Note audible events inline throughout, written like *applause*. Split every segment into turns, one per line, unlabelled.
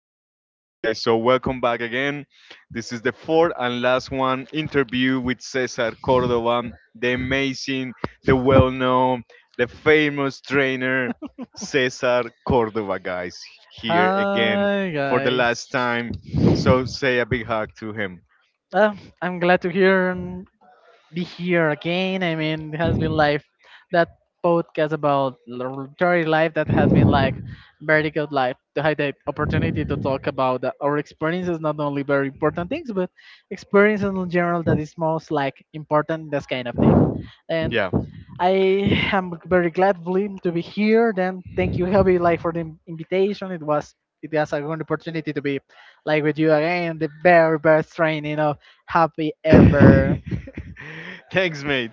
*laughs* I'm
Okay,
George.
guys, so welcome back again. This is the fourth and last one interview with Cesar Cordova, the amazing, the well known, the famous trainer, Cesar Cordova, guys, here again
Hi
for the last
guys.
time. So say a big hug to him.
Uh, I'm glad to hear and be here again. I mean, it has been life that podcast about Jory life that has been like very good life to have the opportunity to talk about that our experiences, not only very important things, but experiences in general that is most like important. This kind of thing. And
Yeah.
I am very glad Blim, to be here. Then thank you, Helby, like for the invitation. It was a good opportunity to be like with you again. The very best training of happy ever.
*laughs* Thanks, mate.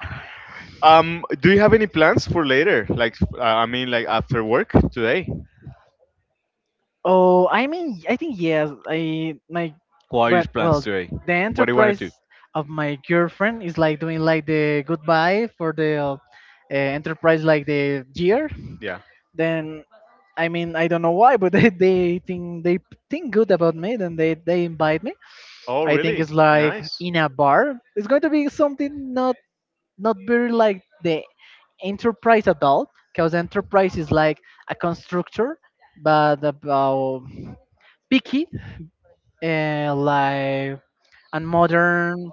Do you have any plans for later? Like, I mean, like after work today?
Oh, I mean, I think yes. I my
What are your
But
plans
well,
today?
the
What do you want
enterprise
to do?
of my girlfriend is like doing like the goodbye for the enterprise like the year.
Yeah.
Then I mean, I don't know why, but *laughs* they think good about me. Then they invite me.
Oh,
I think
really?
it's like
Nice.
in a bar. It's going to be something not very like the enterprise at all, because enterprise is like a constructor, but about picky and like and modern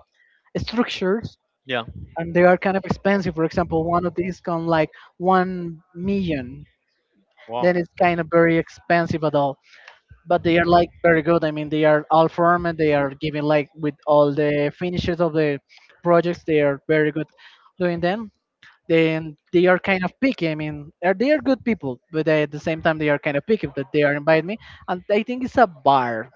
structures,
Yeah.
and they are kind of expensive. For example, one of these come like 1 million.
Wow.
Then it's kind of very expensive at all. But they are like very good. I mean, they are all firm and they are giving like with all the finishes of the projects. They are very good doing them. Then they are kind of picky. I mean, are they are good people, but they, at the same time they are kind of picky. But they are inviting me, and I think it's a bar.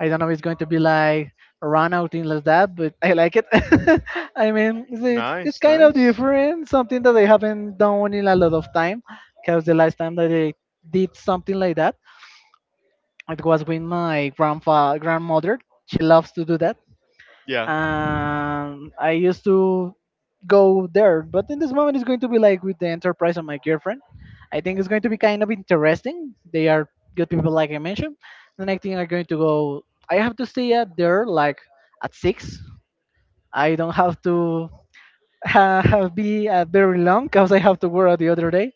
I don't know if it's going to be like a run out thing like that, but I like it. *laughs* I mean, it's
Nice,
kind of
nice.
different, something that they haven't done in a lot of time, because the last time that they did something like that it was with my grandfa grandmother. She loves to do that,
Yeah.
and I used to go there. But in this moment, it's going to be like with the enterprise of my girlfriend. I think it's going to be kind of interesting. They are good people, like I mentioned. The next thing I'm going to go. I have to stay at there like at six. I don't have to *laughs* have be very long because I have to work the other day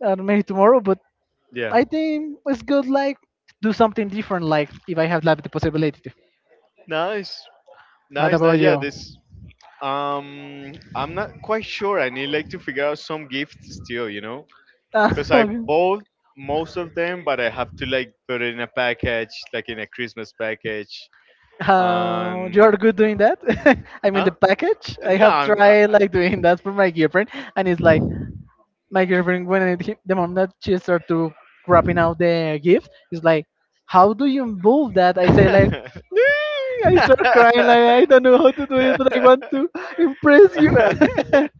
and maybe tomorrow. But
Yeah.
I think it's good, like do something different, like if I have like the possibility to.
Nice.
What
Nice,
about
nice. Yeah,
you?
this. I'm not quite sure. I need like to figure out some gifts still, you know? Cuz I
Uh, *laughs*
bought most of them, but I have to like put it in a package, like in a Christmas package.
You
And
are good doing that. *laughs* I mean, the
huh?
package. I
No,
have
I'm, I-
tried like doing that for my girlfriend, and it's like my girlfriend when the moment that she start to wrapping out the gift, it's like, how do you move that? I say like,
I- *laughs*
"Mm,"
*laughs*
I
no,
start crying like I don't know how to do it, but I want to impress you.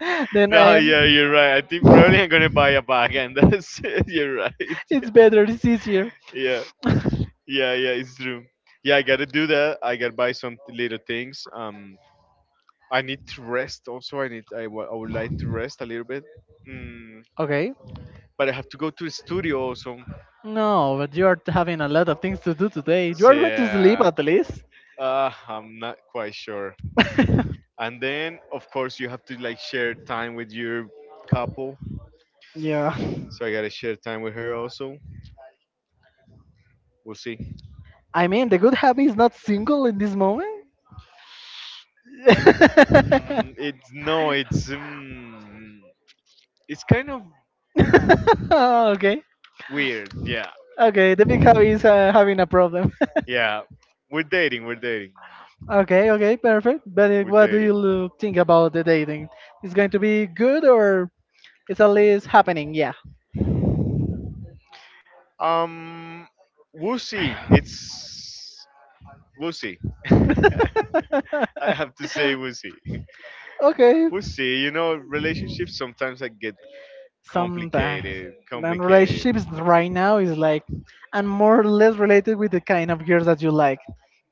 *laughs* Then I
yeah,
am.
you're right. I think probably I'm gonna buy a bag, and that's it. *laughs* You're right. Yeah,
It's better, it's easier.
yeah, yeah, yeah. It's true. Yeah, I gotta do that. I gotta buy some little things. I need to rest. Also, I need. I, wa- I would like to rest a little bit. Mm,
Okay.
but I have to go to the studio also.
No, but you are having a lot of things to do today. You
So,
are going to sleep
yeah,
at least.
I'm not quite sure.
*laughs*
And then, of course, you have to like share time with your couple.
Yeah.
So I gotta share time with her also. We'll see.
I mean, the good habit is not single in this moment.
*laughs*
*laughs*
Mm, it's no, it's kind of
Okay.
weird. Yeah,
Okay, the big hobby is having a problem.
yeah. We're dating. We're dating.
*laughs* Okay, okay, perfect. But
We're
what do you
dating.
think about the dating? It's going to be good or it's at least happening? Yeah.
Um, we'll see. It's We'll see. *laughs*
*laughs*
I have to say we'll see.
Okay.
We'll see. You know, relationships sometimes I get
Sometimes.
complicated.
And
Complicated.
relationships right now is like, and more or less related with the kind of girls that you like.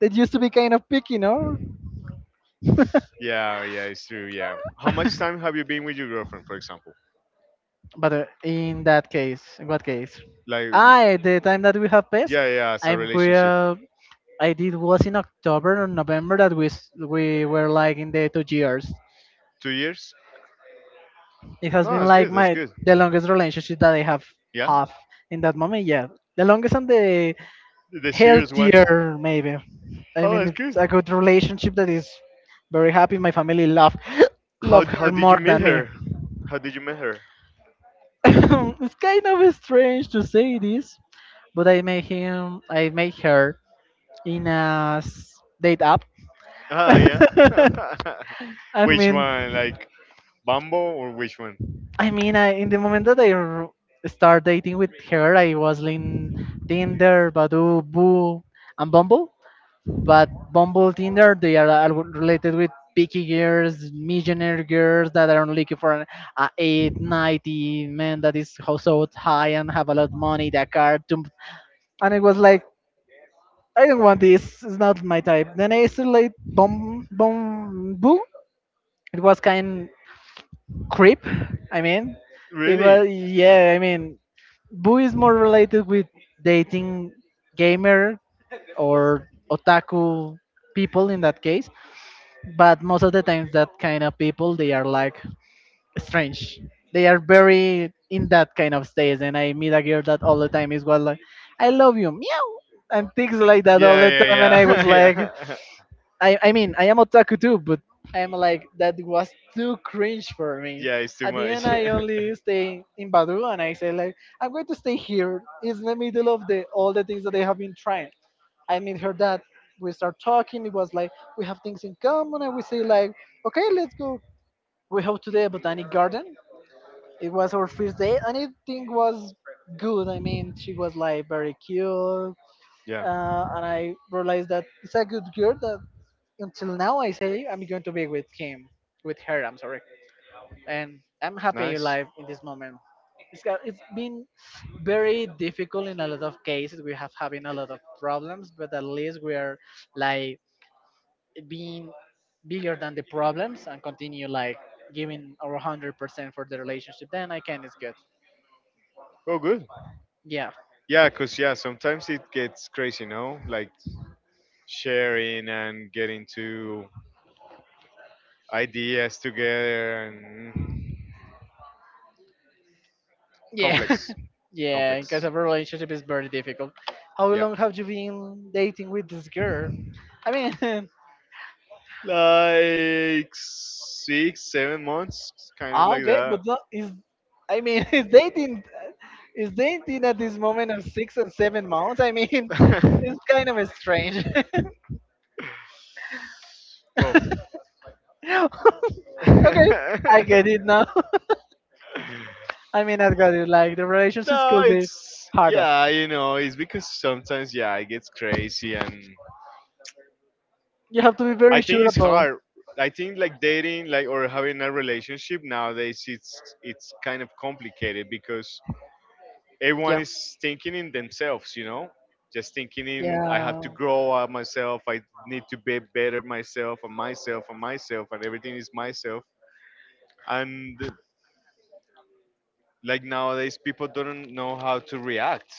That used to be kind of picky, no?
Yeah, yeah, it's true. Yeah. How much time
*laughs*
have you been with your girlfriend, for example?
But in that case, in what case?
Like,
Ah, at the time that we have passed,
yeah, yeah, it's
I
a relationship.
will. I did was in October or November that we were like in the 2 years.
2 years?
It has
No,
been
that's
like
good. That's
my
good.
the longest relationship that I have
Yeah.
have in that moment. Yeah, the longest and the
The serious one.
healthier maybe. I
Oh,
mean,
that's
it's
good.
a good relationship that is very happy. My family love *laughs* *gasps*
How
love her
how did
more
you meet
than me.
her?
*laughs*
How did you meet her?
*coughs* It's kind of strange to say this, but I made her in a date app.
Ah, yeah. *laughs*
*laughs* I
Which
mean.
one? Like Bumble or which one?
I mean, in the moment that I start dating with her, I was in Tinder, Badoo, Boo, and Bumble. But Bumble, Tinder, they are related with picky girls, millionaire girls that are looking for an 8, 90 man that is so high and have a lot of money, that car. And it was like, I don't want this. It's not my type. Then I still like Bum, Bum, Boo. It was kind creep. I mean, it
Really?
was yeah. I mean, Boo is more related with dating gamer or otaku people in that case. But most of the times, that kind of people they are like strange. They are very in that kind of stage, and I meet a girl that all the time is well like, "I love you, meow," and things like that all the
Yeah,
time, and I was
yeah, yeah, *laughs*
like,
yeah.
I mean, I am otaku too, but I'm like, that was too cringe for me.
Yeah, it's too
At the end,
much.
I only stay in Badu and I say,
*laughs*
like, I'm going to stay here. It's in the middle of the all the things that they have been trying. I meet her dad. We start talking. It was like, we have things in common. And we say, like, okay, let's go. We have to the Botanic Garden. It was our first day and everything was good. I mean, she was like very cute.
Yeah.
And I realized that it's a good girl that until now I say I'm going to be with him, with her. I'm sorry, and I'm happy
Nice.
alive in this moment. It's been very difficult in a lot of cases. We have having a lot of problems, but at least we are like being bigger than the problems and continue like giving our 100% for the relationship. Then I can it's good.
Oh, good.
Yeah,
Yeah, cause yeah, sometimes it gets crazy, no? Like sharing and getting to ideas together and
yeah,
complex,
*laughs* yeah.
complex.
Because a relationship is very difficult. How
Yeah,
long have you been dating with this girl? I mean. *laughs*
like six, 7 months, kind of
Ah,
like
okay, but
that.
not, is I mean, *laughs* is dating at this moment of 6 and 7 months? I mean, *laughs* it's kind of strange.
*laughs* Well.
*laughs* Okay, I get it now. *laughs*
*laughs*
I mean, I got it. Like the relationships
No,
could be
it's
harder.
yeah, you know, it's because sometimes yeah, it gets crazy, and
You have to be
I
very
think
sure
it's
about.
hard. I think like dating, like or having a relationship nowadays, it's kind of complicated because everyone
Yeah,
is thinking in themselves, you know, just thinking in I have
yeah,
to grow up myself, I need to be better myself, and myself, and myself, and everything is myself, and like nowadays people don't know how to react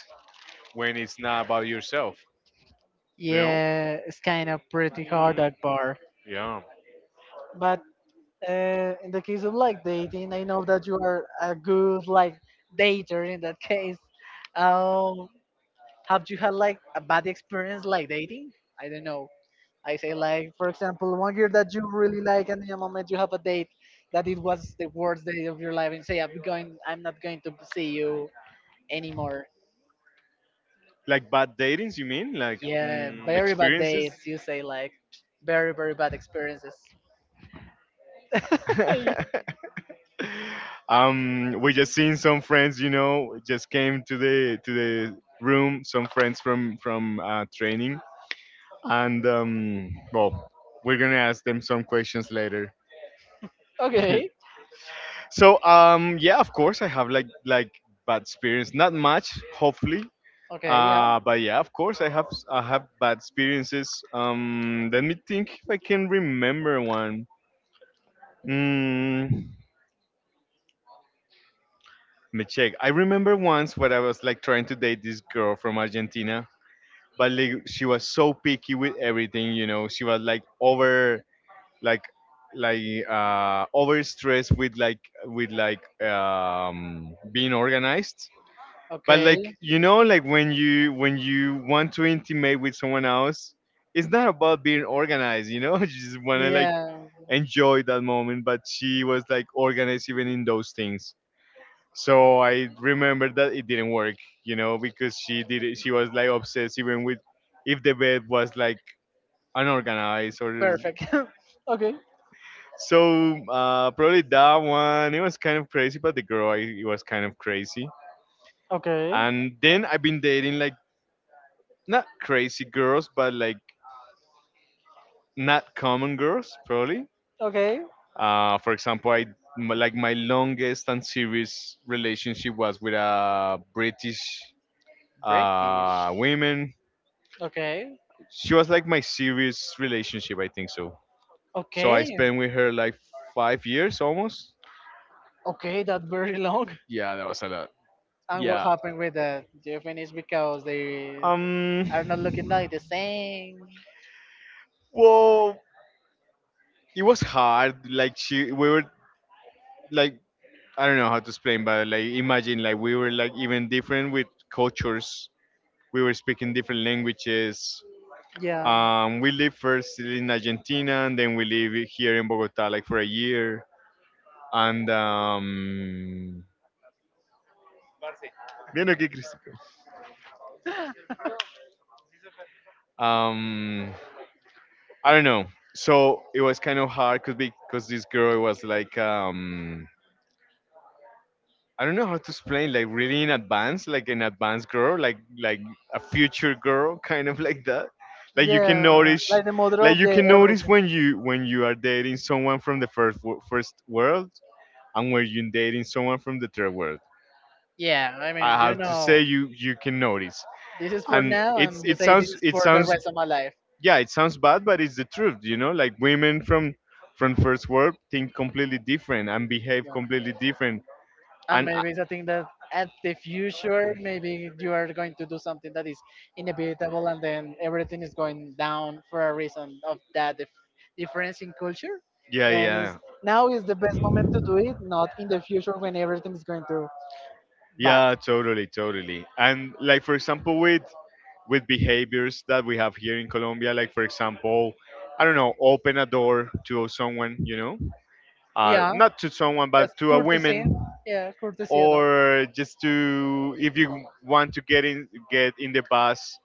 when it's not about yourself, you know.
yeah. It's kind of pretty hard
Mm,
that part.
yeah.
But in the case of like dating, I know that you are a good like dater in that case. Um, have you had like a bad experience like dating? I don't know. I say like for example, one year that you really like, and in a moment you have a date that it was the worst day of your life, and say I'm going, I'm not going to see you anymore.
Like bad datings, you mean? Like
Yeah,
mm,
very bad
experiences?
dates. You say like very very bad experiences. *laughs*
*laughs* We just seen some friends, you know, just came to the room. Some friends from training, and well, we're gonna ask them some questions later. *laughs*
Okay,
So yeah, of course, I have like bad experience. Not much, hopefully.
okay, yeah,
But yeah, of course, I have bad experiences. Let me think if I can remember one. Mm, let me check. I remember once when I was like trying to date this girl from Argentina, but like she was so picky with everything, you know. She was like like, like over stressed with with like being organized. But
okay.
like you know, like when you want to intimate with someone else, it's not about being organized, you know. *laughs* You just wanna like
Yeah.
enjoy that moment. But she was like organized even in those things. So I remember that it didn't work, you know, because she was like obsessed even with if the bed was like unorganized or
Perfect. *laughs* Okay.
so probably that one it was kind of crazy, but it was kind of crazy.
Okay.
And then I've been dating like not crazy girls, but like not common girls probably.
Okay.
For example, like my longest and serious relationship was with a British
British.
women.
Okay.
She was like my serious relationship, I think so. So I
Okay.
spent with her like 5 years almost.
Okay. That's very long. *laughs*
Yeah, that was a lot.
And what
Yeah.
happened with that? Do you finish because they
Um,
are not looking like the same?
well, it was hard. We were like, I don't know how to explain, but like imagine like we were like even different with cultures. We were speaking different languages.
Yeah.
We lived first in Argentina, and then we live here in Bogota like for a year. And bien aquí, Cristico. Um, I don't know. So it was kind of hard cause because this girl was like I don't know how to explain, like really in advance, like an advanced girl, like a future girl *laughs* kind of like that, like you can
Yeah.
notice
Like the mother
like
of
you
the
can notice
everything.
when you are dating someone from the first world and when you're dating someone from the third world.
Yeah. I
I
mean,
have to say you can notice.
this is for
And
now,
it's
and you
it
say this
sounds
is
it
for the
sounds
rest of my life.
yeah, it sounds bad, but it's the truth, you know? Like women from first world think completely different and behave
Yeah.
completely different.
And
And I-
maybe it's a thing that at the future maybe you are going to do something that is inevitable and then everything is going down for a reason of that difference in culture.
yeah,
Then is
yeah.
now is the best moment to do it not in the future when everything is going to bad.
Yeah, totally, totally. And like for example with behaviors that we have here in Colombia. Like, for example, I don't know, open a door to someone, you know,
Yeah,
not to someone,
that's
but to a woman,
courtesy. Yeah, courtesy at all.
or just to if you want to get in the bus,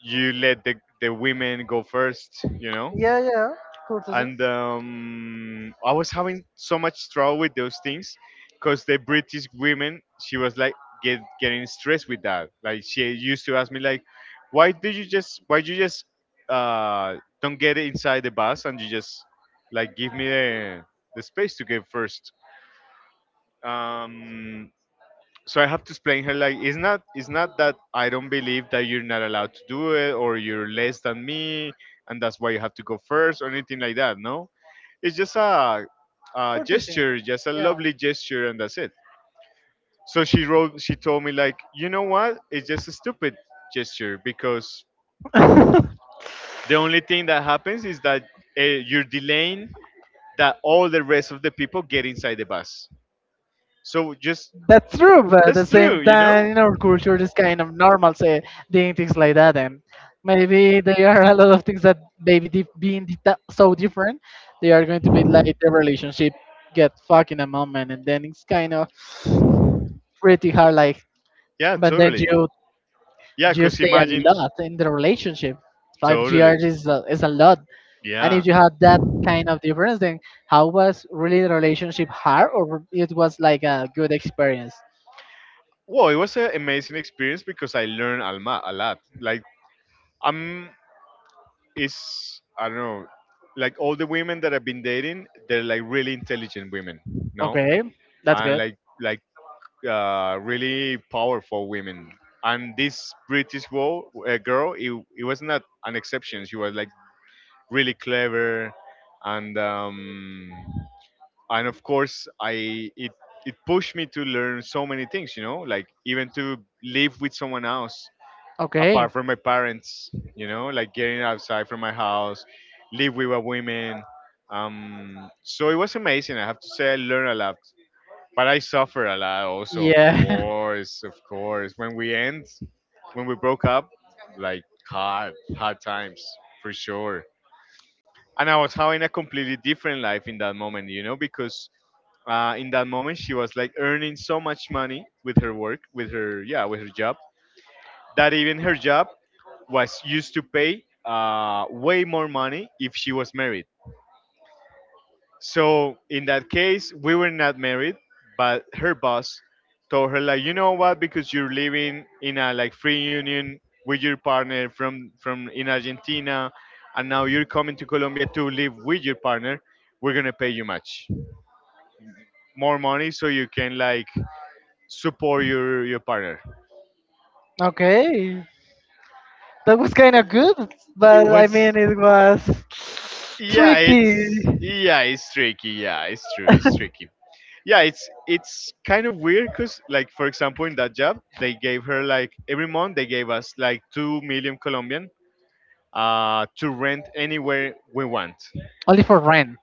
you let the women go first, you know.
Yeah, yeah, courtesy,
And I was having so much trouble with those things because the British women, she was like getting stressed with that. Like she used to ask me like, why you just uh, don't get inside the bus and you just like give me the space to get first. Um, so I have to explain her like it's not that I don't believe that you're not allowed to do it or you're less than me and that's why you have to go first or anything like that. No, it's just a
courtesy.
gesture, just a lovely gesture, and that's it. So she told me like, you know what? It's just a stupid gesture because
Yeah. *laughs*
the only thing that happens is that you're delaying that all the rest of the people get inside the bus. So just
That's true, but at the
that's true,
same
you know?
time, in our culture, it's kind of normal say doing things like that, and maybe there are a lot of things that maybe being dita so different, they are going to be like the relationship get fucked in a moment, and then it's kind of pretty hard. Like,
Yeah,
but then
totally.
you
Yeah,
you
cause
stay a
imagine
lot in the relationship. Five
totally.
years is a lot, and
Yeah.
if you had that kind of difference, then how was really the relationship hard, or it was like a good experience?
Well, it was an amazing experience because I learned a lot. I'm, I don't know, like all the women that I've been dating, they're like really intelligent women, no?
Okay, that's
And
good.
really powerful women. And this girl, it was not an exception. She was like really clever and, um, and of course I it it pushed me to learn so many things, you know, like even to live with someone else
Okay.
apart from my parents, you know, like getting outside from my house, live with a woman. So it was amazing. I have to say I learned a lot, but I suffered a lot also, of
Yeah.
course. Of course when we end, when we broke up, like hard hard times for sure. And I was having a completely different life in that moment, you know, because in that moment she was like earning so much money with her work, with her job that even her job was used to pay way more money if she was married. So in that case, we were not married, but her boss told her like, you know what? Because you're living in a like free union with your partner from in Argentina, and now you're coming to Colombia to live with your partner. We're gonna pay you much more money so you can like support your partner.
*laughs* Okay. That was kind of good,
It
but I
was
mean, it was
yeah,
tricky.
it's yeah, it's tricky. Yeah, it's true. It's
*laughs*
tricky. Yeah, it's kind of weird because like for example in that job they gave her like every month they gave us like 2 million colombian to rent anywhere we want
Only for rent.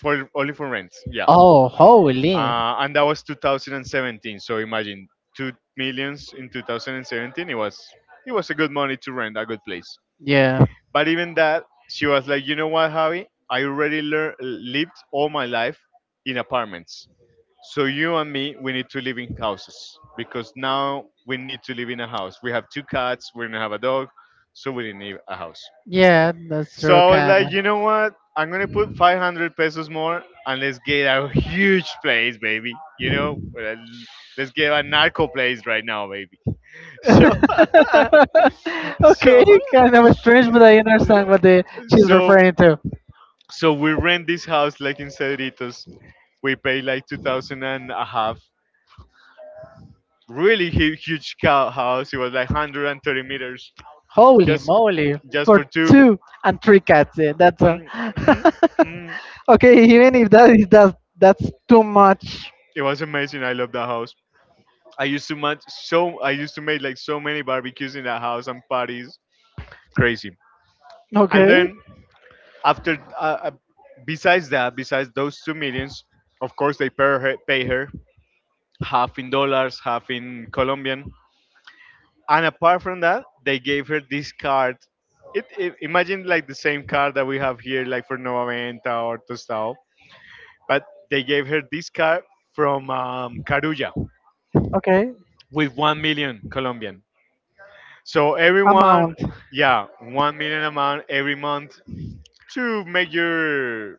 for only for rent yeah
Oh, holy.
and that was 2017 so imagine 2 millions in 2017 it was a good money to rent a good place
Yeah.
but even that she was like you know what javi lived all my life in apartments. So you and me, we need to live in houses because now we need to live in a house. We have two cats, we don't have a dog, so we didn't need a house.
Yeah, that's
So
true,
I was
kind
like,
of.
you know what? I'm gonna put 500 pesos more and let's get a huge place, baby. You know, well, let's get a narco place right now, baby. *laughs*
*laughs*
So, *laughs*
Okay,
so,
kind of strange, but I understand what the, she's
so,
referring to.
so we rent this house like in Cedritos. We pay like two thousand and a half, really huge, huge cow house. It was like 130 meters,
Holy
just
moly,
just
for
for two.
two and three cats. That's all.
Um, mm, mm.
*laughs* Okay, even if that is that's too much.
It was amazing. I love that house. I used to make like so many barbecues in that house and parties. Crazy. And
Okay,
then after, besides that, besides those two millions, of course they pay her half in dollars, half in Colombian. And apart from that, they gave her this card. It, imagine, like the same card that we have here like for Nova Venta or Tostao, but they gave her this card from Carulla
okay.
with 1 million Colombian, so everyone,
Amount,
yeah, 1 million amount every month to make your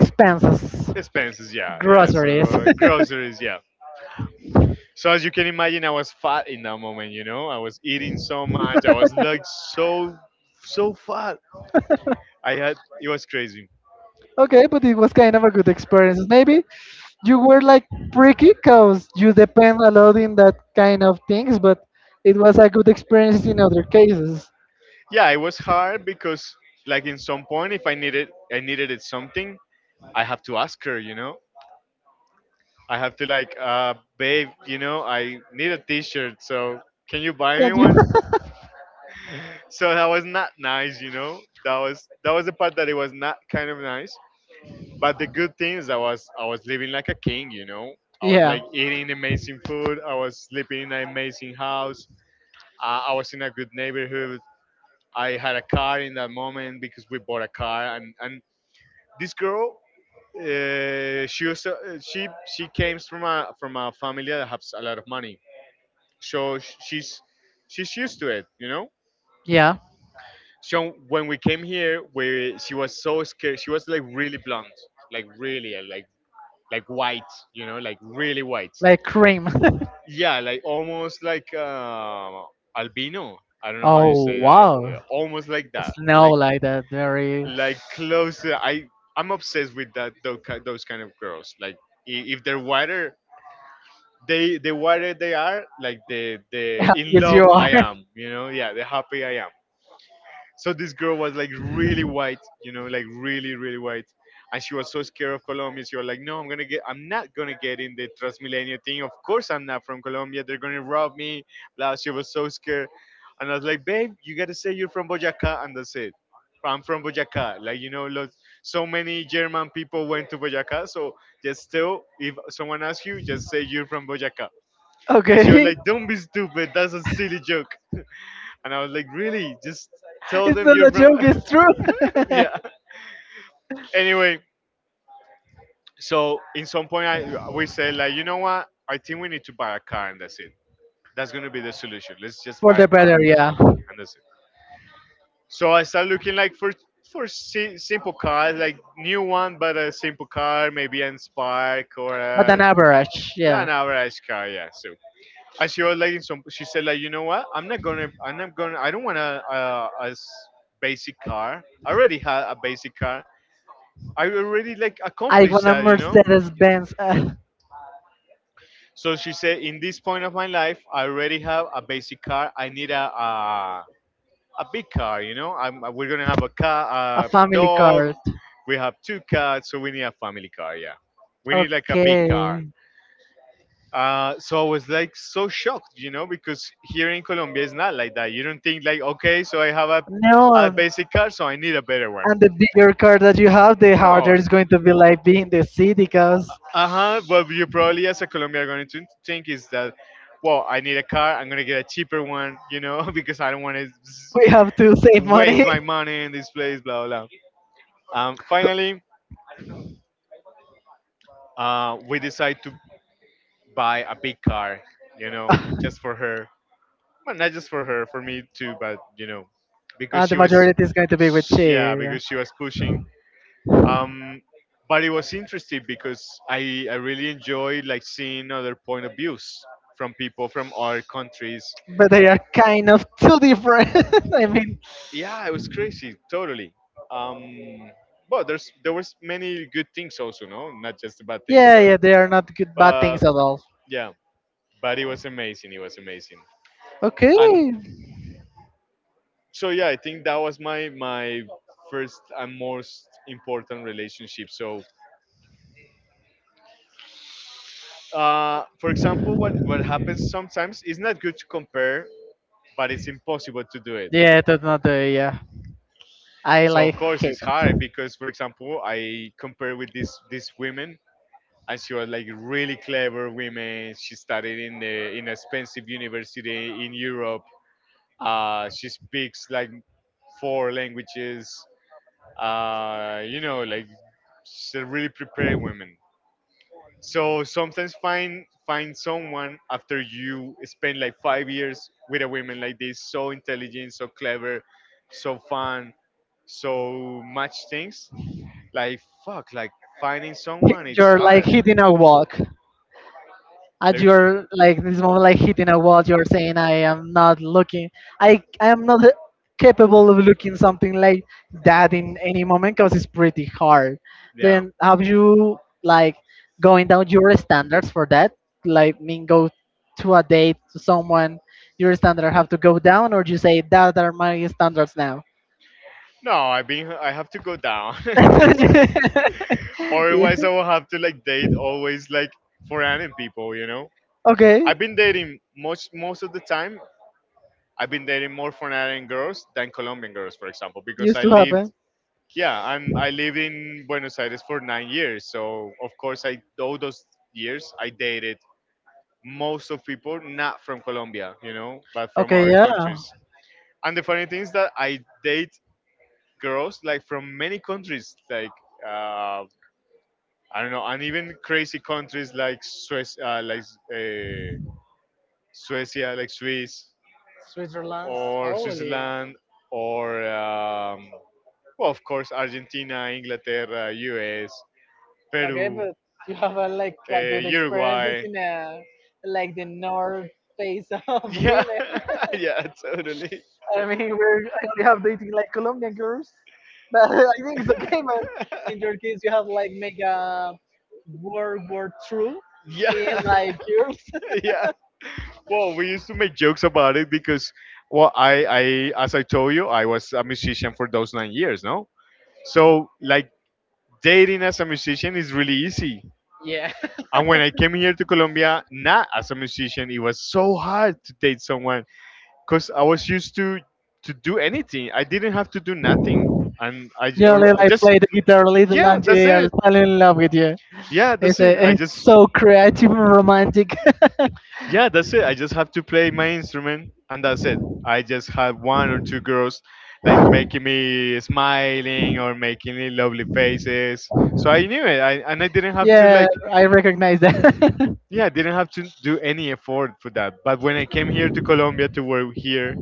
expenses,
expenses. Yeah, yeah.
groceries.
So
*laughs*
groceries. Yeah. So as you can imagine, I was fat in that moment, you know. I was eating so much. I was like so, so fat. I had It was crazy.
Okay, but it was kind of a good experience. Maybe you were like freaky because you depend a lot in that kind of things, but it was a good experience in other cases.
Yeah, it was hard because like in some point, if I needed, I needed it something, I have to ask her, you know? I have to like, babe, you know, I need a t shirt, so can you buy me one?
*laughs*
So that was not nice, you know. That was the part that it was not kind of nice. But the good thing is I was living like a king, you know. I was like eating amazing food, I was sleeping in an amazing house, I was in a good neighborhood, I had a car in that moment because we bought a car. And this girl, uh, she was uh, she she came from a family that has a lot of money, so she's used to it, you know.
Yeah. Yeah.
So when we came here, we she was so scared. She was like really blonde, like really like white, you know, like really white.
Like cream. *laughs*
Yeah, like almost like albino. I don't know how you
Oh
say that. Yeah,
wow.
almost like that,
Snow
like
like that very
like close. I'm obsessed with those kind of girls. Like if they're whiter, the whiter they are, like the
*laughs*
in
yes, you
love
are.
I
*laughs*
am. You know, yeah, the happy I am. So this girl was like really white, you know, like really, really white. And she was so scared of Colombia. She was like, no, I'm not going to get in the Transmilenio thing. Of course, I'm not from Colombia. They're going to rob me. Blah. She was so scared. And I was like, babe, you got to say you're from Boyacá. And that's it. I'm from Boyacá. Like, you know, lots, so many German people went to Boyacá. So just still, if someone asks you, just say you're from Boyacá. And she was
Okay.
like, don't be stupid. That's a silly joke. And I was like, really? Just tell
It's
them
not
you're
a
from.
joke, it's
*laughs*
true. *laughs*
Yeah. Anyway, so in some point, I we say like, you know what? I think we need to buy a car, and that's it. That's gonna be the solution. Let's just
For
buy a
the
car,
better, yeah.
and that's it. So I start looking like for simple cars, like new one, but a simple car, maybe an Spark or
But an
a,
average, yeah.
an average car. Yeah. So, and she was like, in some, she said like, you know what?
Am not going to am
I'm not gonna, I don't want a,
do not.
a, a s- basic car. I already had a basic car. I already like accomplished that, you know.
Mercedes Benz. *laughs*
So she said, in this point of my life, I already have a basic car. I need a big car, you know. We're gonna have a
A
car, a
family
dog.
card.
We have two cats, so we need a family car. Yeah, we need like a big
Okay.
car. So I was like so shocked, you know, because here in Colombia it's not like that. You don't think like, okay, so I have
No,
a basic car, so I need a better one.
and the bigger card that you have, the harder
No.
it's going to be like being the city because
Uh-huh. What you probably as a Colombian are going to think is that, well, I need a car. I'm gonna get a cheaper one, you know, *laughs* because I don't want
we
to
have to save money.
waste my money in this place. Blah blah blah. Finally, we decide to buy a big car, you know, just for her. Well, not just
*laughs*
for her, for me too, but you know, because
The
she was,
majority is going to be with she,
sh- yeah,
yeah.
because she was pushing. Um, but it was interesting because I really enjoyed like seeing other point of views from people from other countries.
But they are kind of too different. *laughs* I mean,
Yeah, it was crazy, totally. um but there was many good things also, no, not just the bad things,
yeah, yeah,
but
they are not good bad
but
things at all.
yeah, but it was amazing, it was amazing.
Okay,
And so, yeah, I think that was my first and most important relationship. So for example, what happens sometimes is not good to compare, but it's impossible to do it.
yeah, that's not the yeah. I
So of
like
course
hate
it's hard
that.
because for example, I compare with this these women. And she was like really clever women. She studied in the, in expensive university in Europe. She speaks like four languages. You know, like she's a really prepared woman. So sometimes find someone after you spend like 5 years with a woman like this, so intelligent, so clever, so fun, so much things. Like fuck, like finding someone it's
You're like
hard.
hitting a walk. At
Like,
your like this moment like hitting a wall you're saying I am not looking I am not capable of looking something like that in any moment because it's pretty hard.
yeah.
Then have you like going down your standards for that, like mean go to a date to someone, your standard have to go down or do you say that are my standards now?
No, I mean I have to go down.
*laughs*
*laughs* Or
Yeah.
otherwise, I will have to like date always like foreign people. You know,
Okay.
I've been dating most of the time. I've been dating more foreign girls than Colombian girls, for example, because
Used
I
to
lived.
happen.
Yeah, I'm. I lived in Buenos Aires for 9 years, so of course, I, all those years I dated most of people not from Colombia, you know, but from
Okay,
our
yeah.
countries. And the funny thing is that I date girls like from many countries, like uh, I don't know, and even crazy countries like Swiss, uh, Suecia, like Swiss
Switzerland,
or
holy.
Switzerland or well, of course Argentina, Inglaterra, US,
Okay,
Peru,
but you have a, like a
uh,
good experiences
Uruguay.
in like the north face of *laughs*
Yeah.
river?
*laughs* Yeah, totally.
I mean, we're I have dating like Colombian girls, but *laughs* I think it's okay. But in your case, you have like make a
*laughs*
World War through
Yeah.
in
*laughs*
like years. *laughs*
Yeah. Well, we used to make jokes about it because, well, as I told you, I was a musician for those 9 years, no? So, like, dating as a musician is really easy.
Yeah.
And when I came here to Colombia, not as a musician, it was so hard to date someone because I was used to do anything. I didn't have to do nothing, and I, j-
You only
or I
like
just,
play the guitar a little
yeah,
and
that's
they are
it.
falling in love with you.
Yeah,
It's
that's it.
a,
I
it's
just
so creative and romantic.
Yeah, that's it. I just have to play my instrument and that's it. I just have one or two girls like making me smiling or making me lovely faces. So I knew it. And I didn't
*laughs*
have to
Yeah,
like,
I recognize that.
yeah, I didn't have to do any effort for that. But when I came here to Colombia to work here,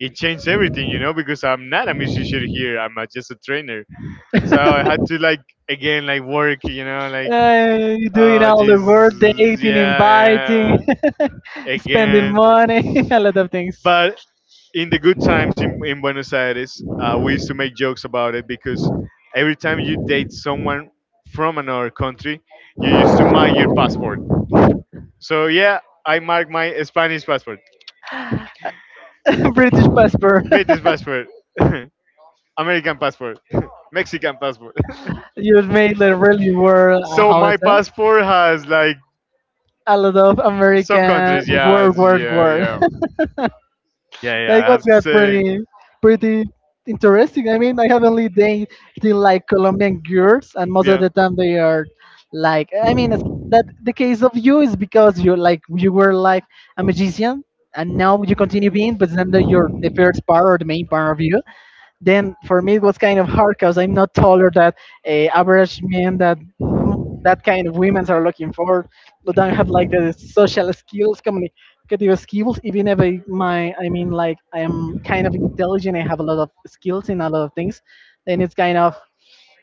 it changed everything, you know, because I'm not a musician here. Just a trainer. So I had to
*laughs* *laughs*
like again like work, you know, like,
Doing
oh
all the work,
Jesus,
dating, inviting,
yeah, yeah,
*laughs* spending
again.
money, *laughs* a lot of things.
But in the good times in Buenos Aires, we used to make jokes about it because every time you date someone from another country, you used to mark your passport. So yeah, I mark my Spanish passport,
*laughs* British passport. *laughs*
British passport, *laughs* American passport, *laughs* Mexican passport. *laughs*
You made the really world.
So
How is
my
it?
passport has like
A lot of
some
American
countries. Yeah,
word,
it's-
word,
yeah,
word.
yeah, yeah, yeah.
That
I
was
have to say,
pretty pretty interesting. I mean, I have only dated like Colombian girls, and most of
yeah.
the time they are like. I mean, it's, that the case of you is because you're like you were like a magician, and now you continue being, but then the, you're the first part or the main part of you. Then for me it was kind of hard because I'm not taller than average men that kind of women are looking for. But don't have like the
Mhm.
social skills, communicative skills. Even if I, my I mean like I am kind of intelligent, I have a lot of skills in a lot of things. Then it's kind of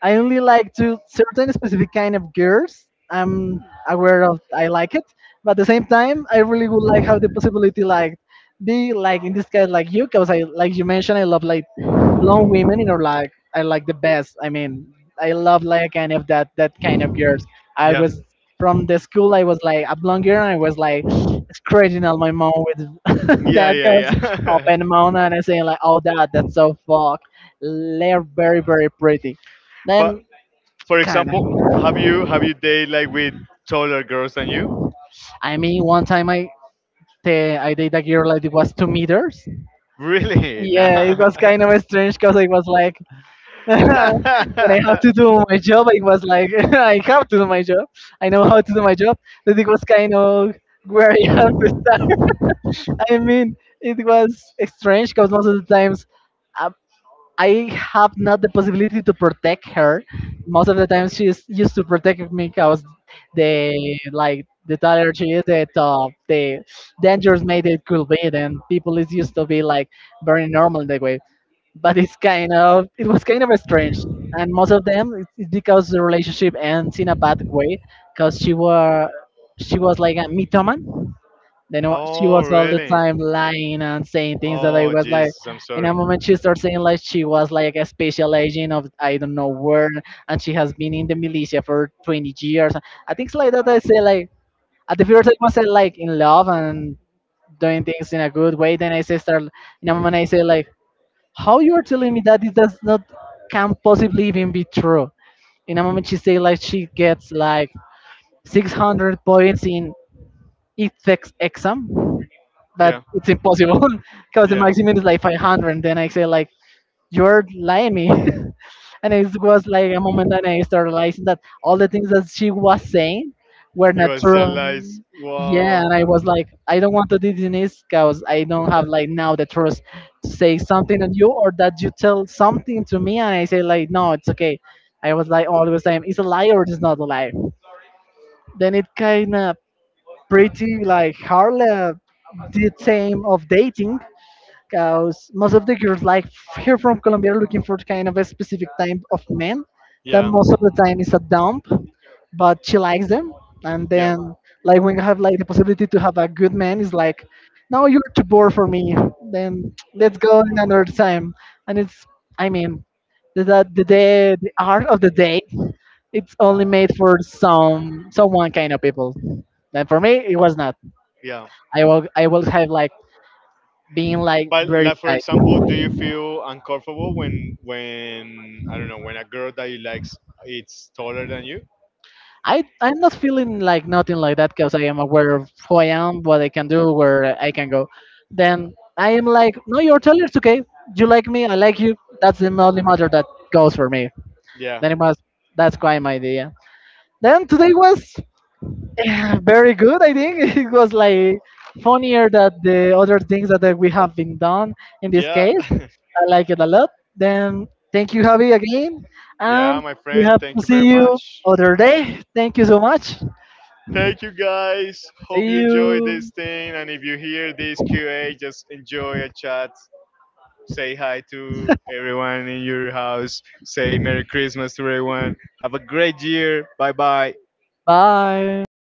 I only like to certain specific kind of girls. I'm aware of I like it, but at the same time, I really would like have the possibility like be like in this case like you, because I like you mentioned I love like blonde women. You know, like I like the best. I mean, I love like kind of that kind of girls. I was from the school. I was like a blonde girl, and I was like scratching on my mom with
Great. *laughs*
*laughs*
Yeah,
that
yeah,
because
yeah.
open mouth and I saying like, oh that's so fuck. They're very
*laughs*
pretty then
For
kind of.
example, have you dated like with taller girls than you?
I mean, one time I I did a girl like it was 2 meters.
Really? Nah.
Yeah, it
Yeah,
was
it. Nah.
kind of
*laughs*
strange because it was like *laughs*
Strange. I have yeah, to do it, was
when I
like *laughs*
have
I.
to do my job, it was like *laughs* I have to do my job. I know how to do my job. But it was kind of where I *laughs* have to. I mean, it was strange because most of the times. uh, I have not the possibility to protect her. Most of the time, she's used to protect me because the like the taller she is, the dangerous made it could be. Then people is used to be like very normal that way. But it was kind of strange, and most of them it's because the relationship ends in a bad way, because she was like a mythoman, then she was all the time lying and saying things that I was like,
Jesus, I'm
in a
sorry.
moment she started saying like she was like a special agent of I don't know where, and she has been in the militia for 20 years. I think it's like that. I say like at the first I was like in love and doing things in a good way. Then I say start in a moment I say like, how you are telling me that it does not can possibly even be true. In a moment she say like she gets like 600 points in ethics exam but it's impossible. *laughs*
*laughs*
Because the maximum is like 500. Then I say like, you're lying me. *laughs* And it was like a moment and I started realizing that all the things that she was saying were
We,
not true.
like,
Yeah,
yeah.
and I was like, I don't want to do this because I don't have like now the trust to say something on you or that you tell something to me and I say like, no, it's okay. I was like always saying, it's a lie or it's not a lie. Then it kind of pretty like hard the same of dating because most of the girls like here from Colombia are looking for kind of a specific type of man that
Yeah.
most of the time is a dump, but she likes them. And
Yeah.
then like when you have like the possibility to have a good man, it's like, no, you're too bored for me. Then let's go another time. And it's, I mean, day, the art of the date, it's only made for someone kind of people. And for me, it was not.
Yeah.
I will have like being like
But
very
like for
shy.
example, do you feel uncomfortable when, I don't know, when a girl that you likes it's taller than you?
I'm not feeling like nothing like that because I am aware of who I am, what I can do, where I can go. Then I am like, no, you're taller. It's okay. You like me. I like you. That's the only matter that goes for me.
Yeah,
Then it was that's quite my idea. Then today was *sighs* very good. I think *laughs* it was like funnier than the other things that we have been done in this
yeah,
case.
*laughs*
I like it a lot. Then thank you, Javi, again,
yeah,
and
my
we
friend.
have
Thank
to
you
see
very
you
much.
other day. Thank you so much.
Thank you guys.
See
Hope you enjoy this
you.
thing. And if you hear this QA, just enjoy a chat. Say hi to everyone in your house. Say Merry Christmas to everyone. Have a great year. Bye bye.
Bye.